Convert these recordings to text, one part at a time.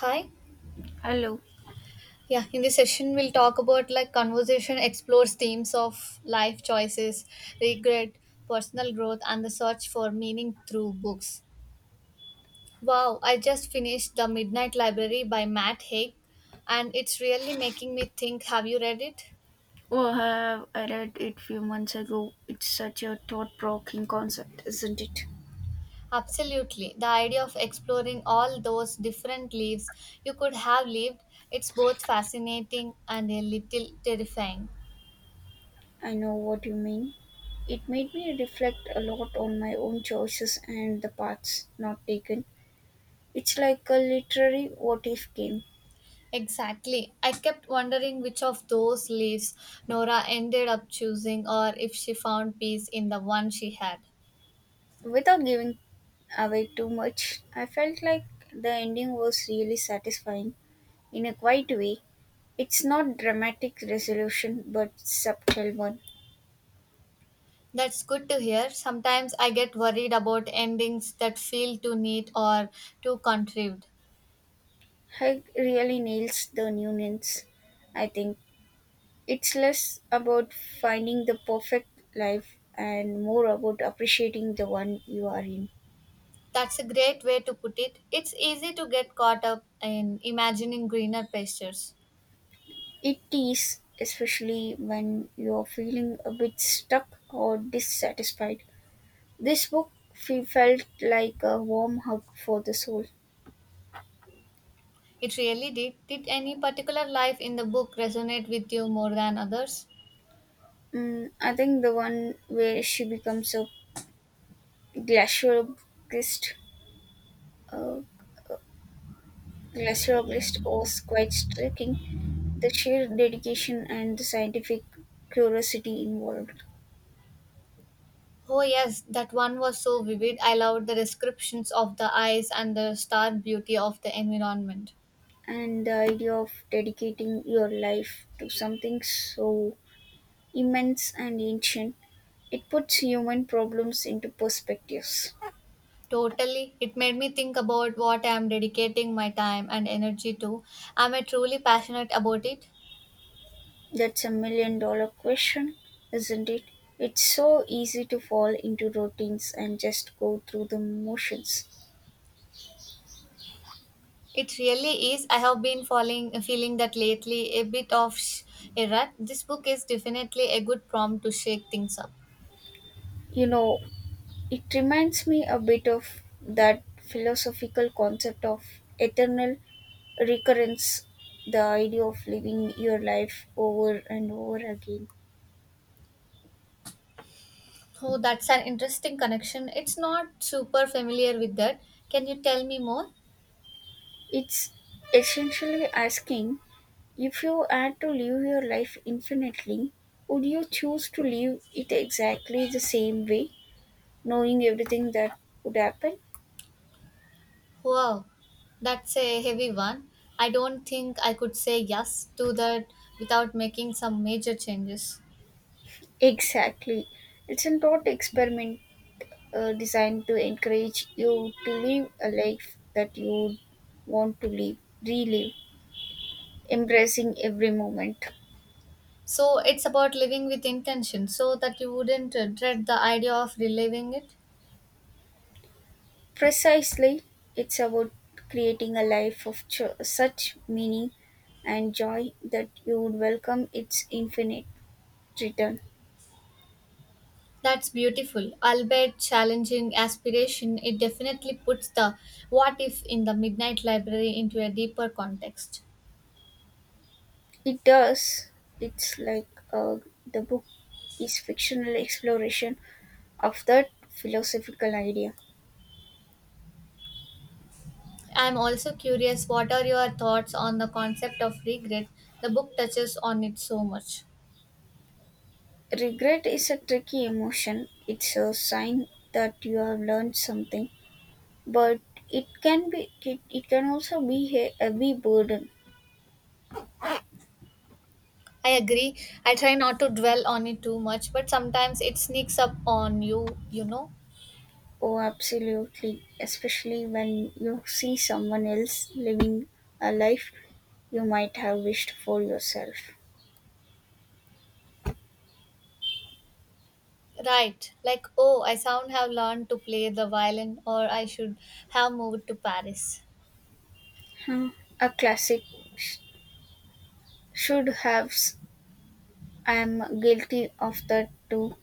Hi. Hello. Yeah, in this session, we'll talk about like conversation explores themes of life choices, regret, personal growth, and the search for meaning through books. Wow, I just finished The Midnight Library by Matt Haig, and it's really making me think. Have you read it? Oh, have I read it few months ago? It's such a thought-provoking concept, isn't it? Absolutely. The idea of exploring all those different lives you could have lived, it's both fascinating and a little terrifying. I know what you mean. It made me reflect a lot on my own choices and the paths not taken. It's like a literary what-if game. Exactly. I kept wondering which of those leaves Nora ended up choosing or if she found peace in the one she had. Without giving away too much, I felt like the ending was really satisfying in a quiet way. It's not dramatic resolution, but subtle one. That's good to hear. Sometimes I get worried about endings that feel too neat or too contrived. Heg really nails the nuance, I think. It's less about finding the perfect life and more about appreciating the one you are in. That's a great way to put it. It's easy to get caught up in imagining greener pastures. It is, especially when you are feeling a bit stuck or dissatisfied. This book felt like a warm hug for the soul. It really did. Did any particular life in the book resonate with you more than others? I think the one where she becomes a glaciologist, a glaciologist was quite striking. The sheer dedication and the scientific curiosity involved. Oh, yes, that one was so vivid. I loved the descriptions of the eyes and the stark beauty of the environment. And the idea of dedicating your life to something so immense and ancient, it puts human problems into perspectives. Totally. It made me think about what I am dedicating my time and energy to. Am I truly passionate about it? That's a million dollar question, isn't it? It's so easy to fall into routines and just go through the motions. It really is. I have been falling, feeling that lately, a bit of a rut. This book is definitely a good prompt to shake things up. You know, it reminds me a bit of that philosophical concept of eternal recurrence, the idea of living your life over and over again. Oh, that's an interesting connection. It's not super familiar with that. Can you tell me more? It's essentially asking, if you had to live your life infinitely, would you choose to live it exactly the same way, knowing everything that would happen? Wow, that's a heavy one. I don't think I could say yes to that without making some major changes. Exactly. It's a thought experiment designed to encourage you to live a life that you want to live, relive, embracing every moment. So it's about living with intention so that you wouldn't dread the idea of reliving it. Precisely, it's about creating a life of such meaning and joy that you would welcome its infinite return. That's beautiful. Albeit challenging aspiration, it definitely puts the what if in the Midnight Library into a deeper context. It does. It's like, the book is fictional exploration of that philosophical idea. I'm also curious what are your thoughts on the concept of regret? The book touches on it so much. Regret is a tricky emotion. It's a sign that you have learned something, but it can also be a heavy burden. I agree. I try not to dwell on it too much, but sometimes it sneaks up on you, you know? Oh, absolutely. Especially when you see someone else living a life you might have wished for yourself. Right. Like, oh, I sound have learned to play the violin, or I should have moved to Paris. Hmm. A classic sh- should have. I'm guilty of that too.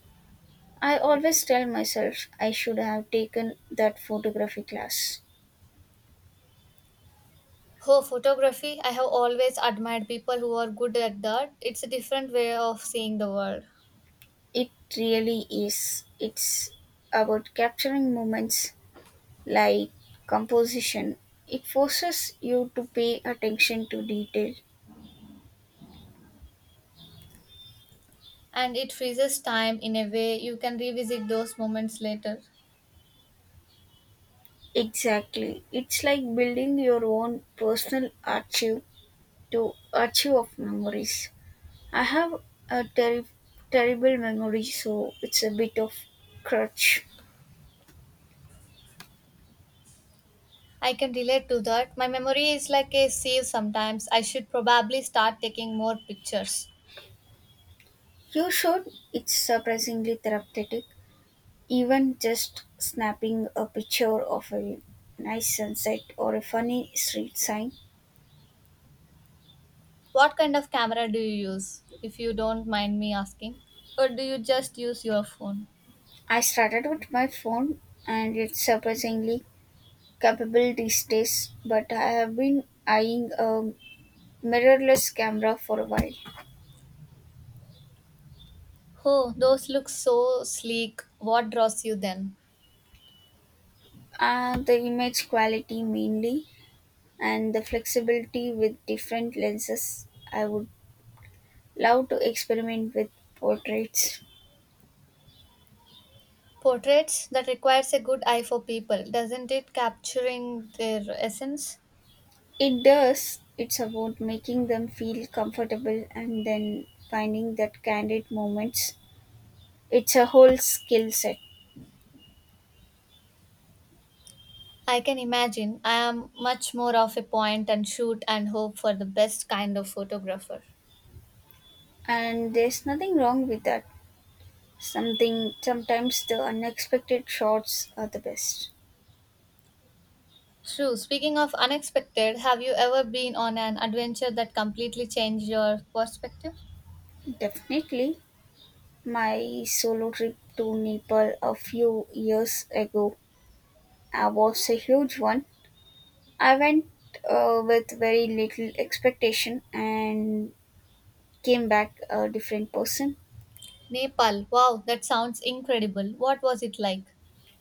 I always tell myself I should have taken that photography class. Oh, photography. I have always admired people who are good at that. It's a different way of seeing the world. It really is. It's about capturing moments like composition. It forces you to pay attention to detail. And it freezes time in a way you can revisit those moments later. Exactly. It's like building your own personal archive of memories. I have a terrible memory, so it's a bit of crutch. I can relate to that. My memory is like a sieve sometimes. I should probably start taking more pictures. You should. It's surprisingly therapeutic. Even just snapping a picture of a nice sunset or a funny street sign. What kind of camera do you use, if you don't mind me asking? Or do you just use your phone? I started with my phone, and it's surprisingly capable these days. But I have been eyeing a mirrorless camera for a while. Oh, those look so sleek. What draws you then? The image quality mainly, and the flexibility with different lenses. I would love to experiment with portraits. Portraits that requires a good eye for people, doesn't it? Capturing their essence? It does, it's about making them feel comfortable and then finding that candid moments. It's a whole skill set, I can imagine. I am much more of a point and shoot and hope for the best kind of photographer. and there's nothing wrong with that. Something Sometimes the unexpected shots are the best. True. Speaking of unexpected, have you ever been on an adventure that completely changed your perspective? Definitely. My solo trip to Nepal a few years ago, was a huge one. I went, with very little expectation, and came back a different person. Nepal, wow, that sounds incredible. What was it like?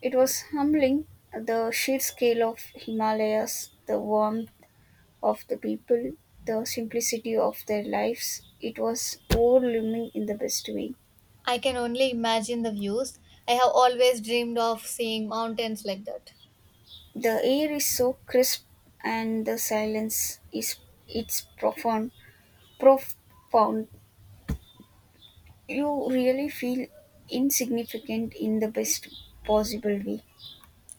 It was humbling, the sheer scale of Himalayas, the warmth of the people, the simplicity of their lives. It was overwhelming in the best way. I can only imagine the views. I have always dreamed of seeing mountains like that. The air is so crisp, and the silence is, it's profound. You really feel insignificant in the best possible way.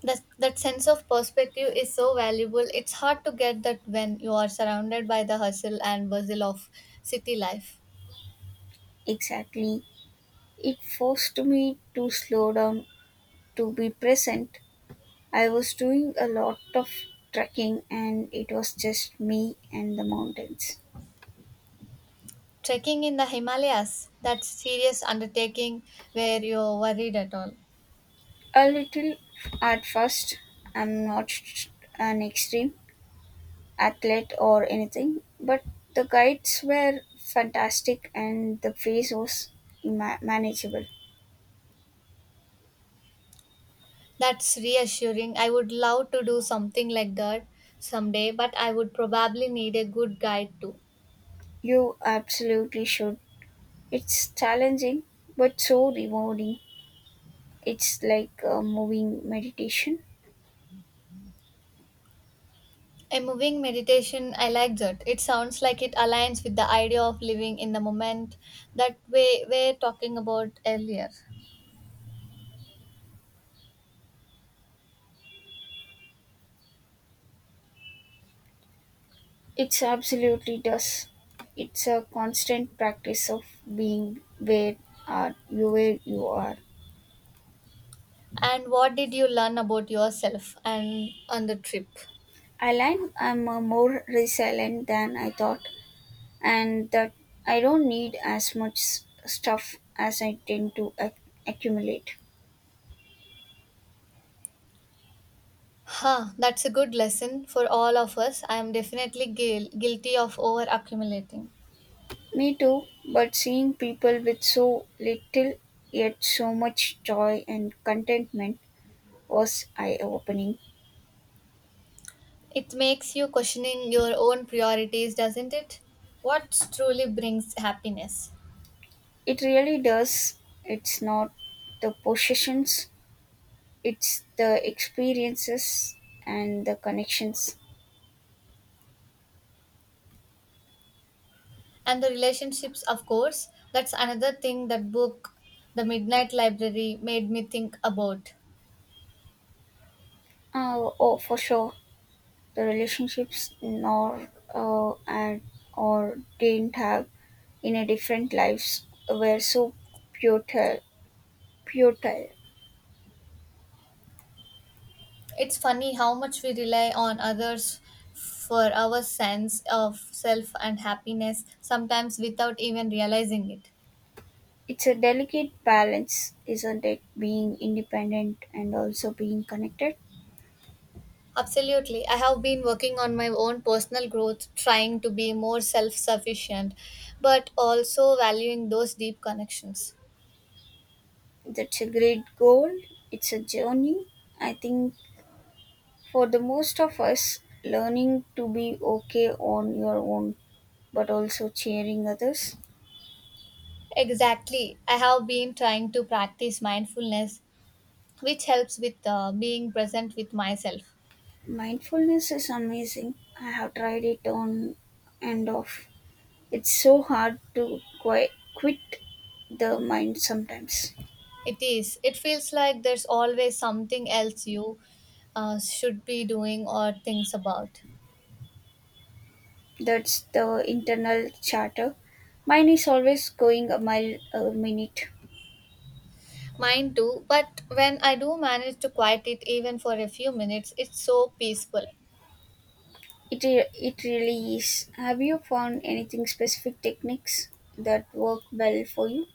That sense of perspective is so valuable. It's hard to get that when you are surrounded by the hustle and bustle of city life. Exactly. It forced me to slow down, to be present. I was doing a lot of trekking, and it was just me and the mountains. Trekking in the Himalayas, that's serious undertaking where you're worried at all. A little at first, I'm not an extreme athlete or anything, but the guides were fantastic and the pace was manageable. That's reassuring. I would love to do something like that someday, but I would probably need a good guide too. You absolutely should. It's challenging, but so rewarding. It's like a moving meditation. A moving meditation, I like that. It sounds like it aligns with the idea of living in the moment that we were talking about earlier. It's absolutely does. It's a constant practice of being where you are. And what did you learn about yourself and on the trip? I learn I'm, more resilient than I thought, and that I don't need as much stuff as I tend to accumulate. Huh, that's a good lesson for all of us. I am definitely guilty of over accumulating. Me too, but seeing people with so little yet so much joy and contentment was eye opening. It makes you questioning your own priorities, doesn't it? What truly brings happiness? It really does. It's not the possessions, it's the experiences and the connections. And the relationships, of course. That's another thing that book, the Midnight Library, made me think about. Oh, for sure, the relationships nor, and or didn't have in a different lives were so futile. futile. It's funny how much we rely on others for our sense of self and happiness sometimes without even realizing it. It's a delicate balance, isn't it? Being independent and also being connected. Absolutely. I have been working on my own personal growth, trying to be more self sufficient, but also valuing those deep connections. That's a great goal. It's a journey. I think for the most of us, learning to be okay on your own but also cheering others. Exactly. I have been trying to practice mindfulness, which helps with being present with myself. Mindfulness is amazing. I have tried it on and off. It's so hard to quit the mind sometimes. It is. It feels like there's always something else you should be doing or thinks about. That's the internal chatter. Mine is always going a mile a minute. Mine too, but when I do manage to quiet it even for a few minutes, it's so peaceful. It really is. Have you found anything specific techniques that work well for you?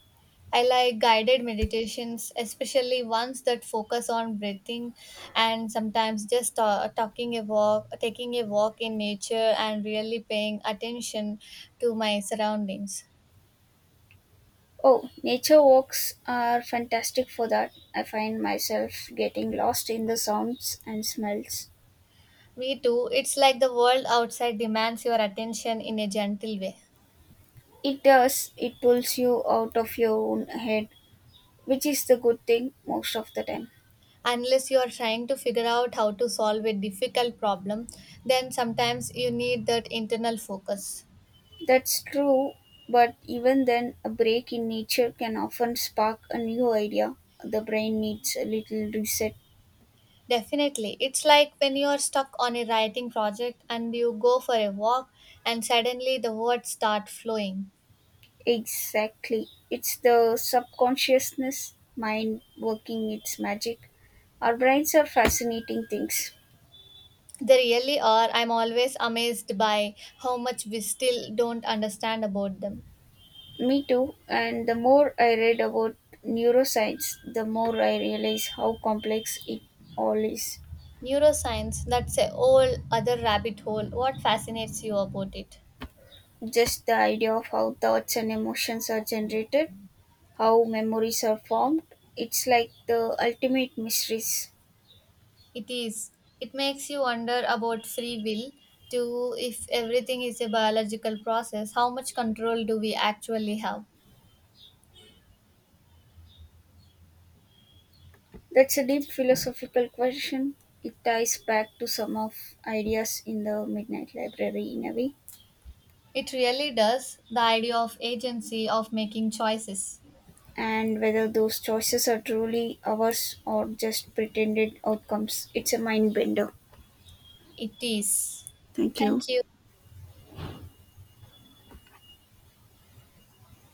I like guided meditations, especially ones that focus on breathing, and sometimes just talking a walk taking a walk in nature and really paying attention to my surroundings. Oh, nature walks are fantastic for that. I find myself getting lost in the sounds and smells. Me too. It's like the world outside demands your attention in a gentle way. It does, it pulls you out of your own head, which is the good thing most of the time. Unless you are trying to figure out how to solve a difficult problem, then sometimes you need that internal focus. That's true, but even then, a break in nature can often spark a new idea. The brain needs a little reset. Definitely. It's like when you are stuck on a writing project and you go for a walk and suddenly the words start flowing. Exactly. It's the subconsciousness mind working its magic. Our brains are fascinating things. They really are. I'm always amazed by how much we still don't understand about them. Me too, and the more I read about neuroscience, the more I realize how complex it all is. Neuroscience, that's a whole other rabbit hole. What fascinates you about it? Just the idea of how thoughts and emotions are generated, how memories are formed, it's like the ultimate mysteries. It is. It makes you wonder about free will, too, if everything is a biological process, how much control do we actually have? That's a deep philosophical question. It ties back to some of ideas in the Midnight Library in a way, It really does. The idea of agency, of making choices. and whether those choices are truly ours or just pretended outcomes. It's a mind bender. It is. Thank you. Thank you.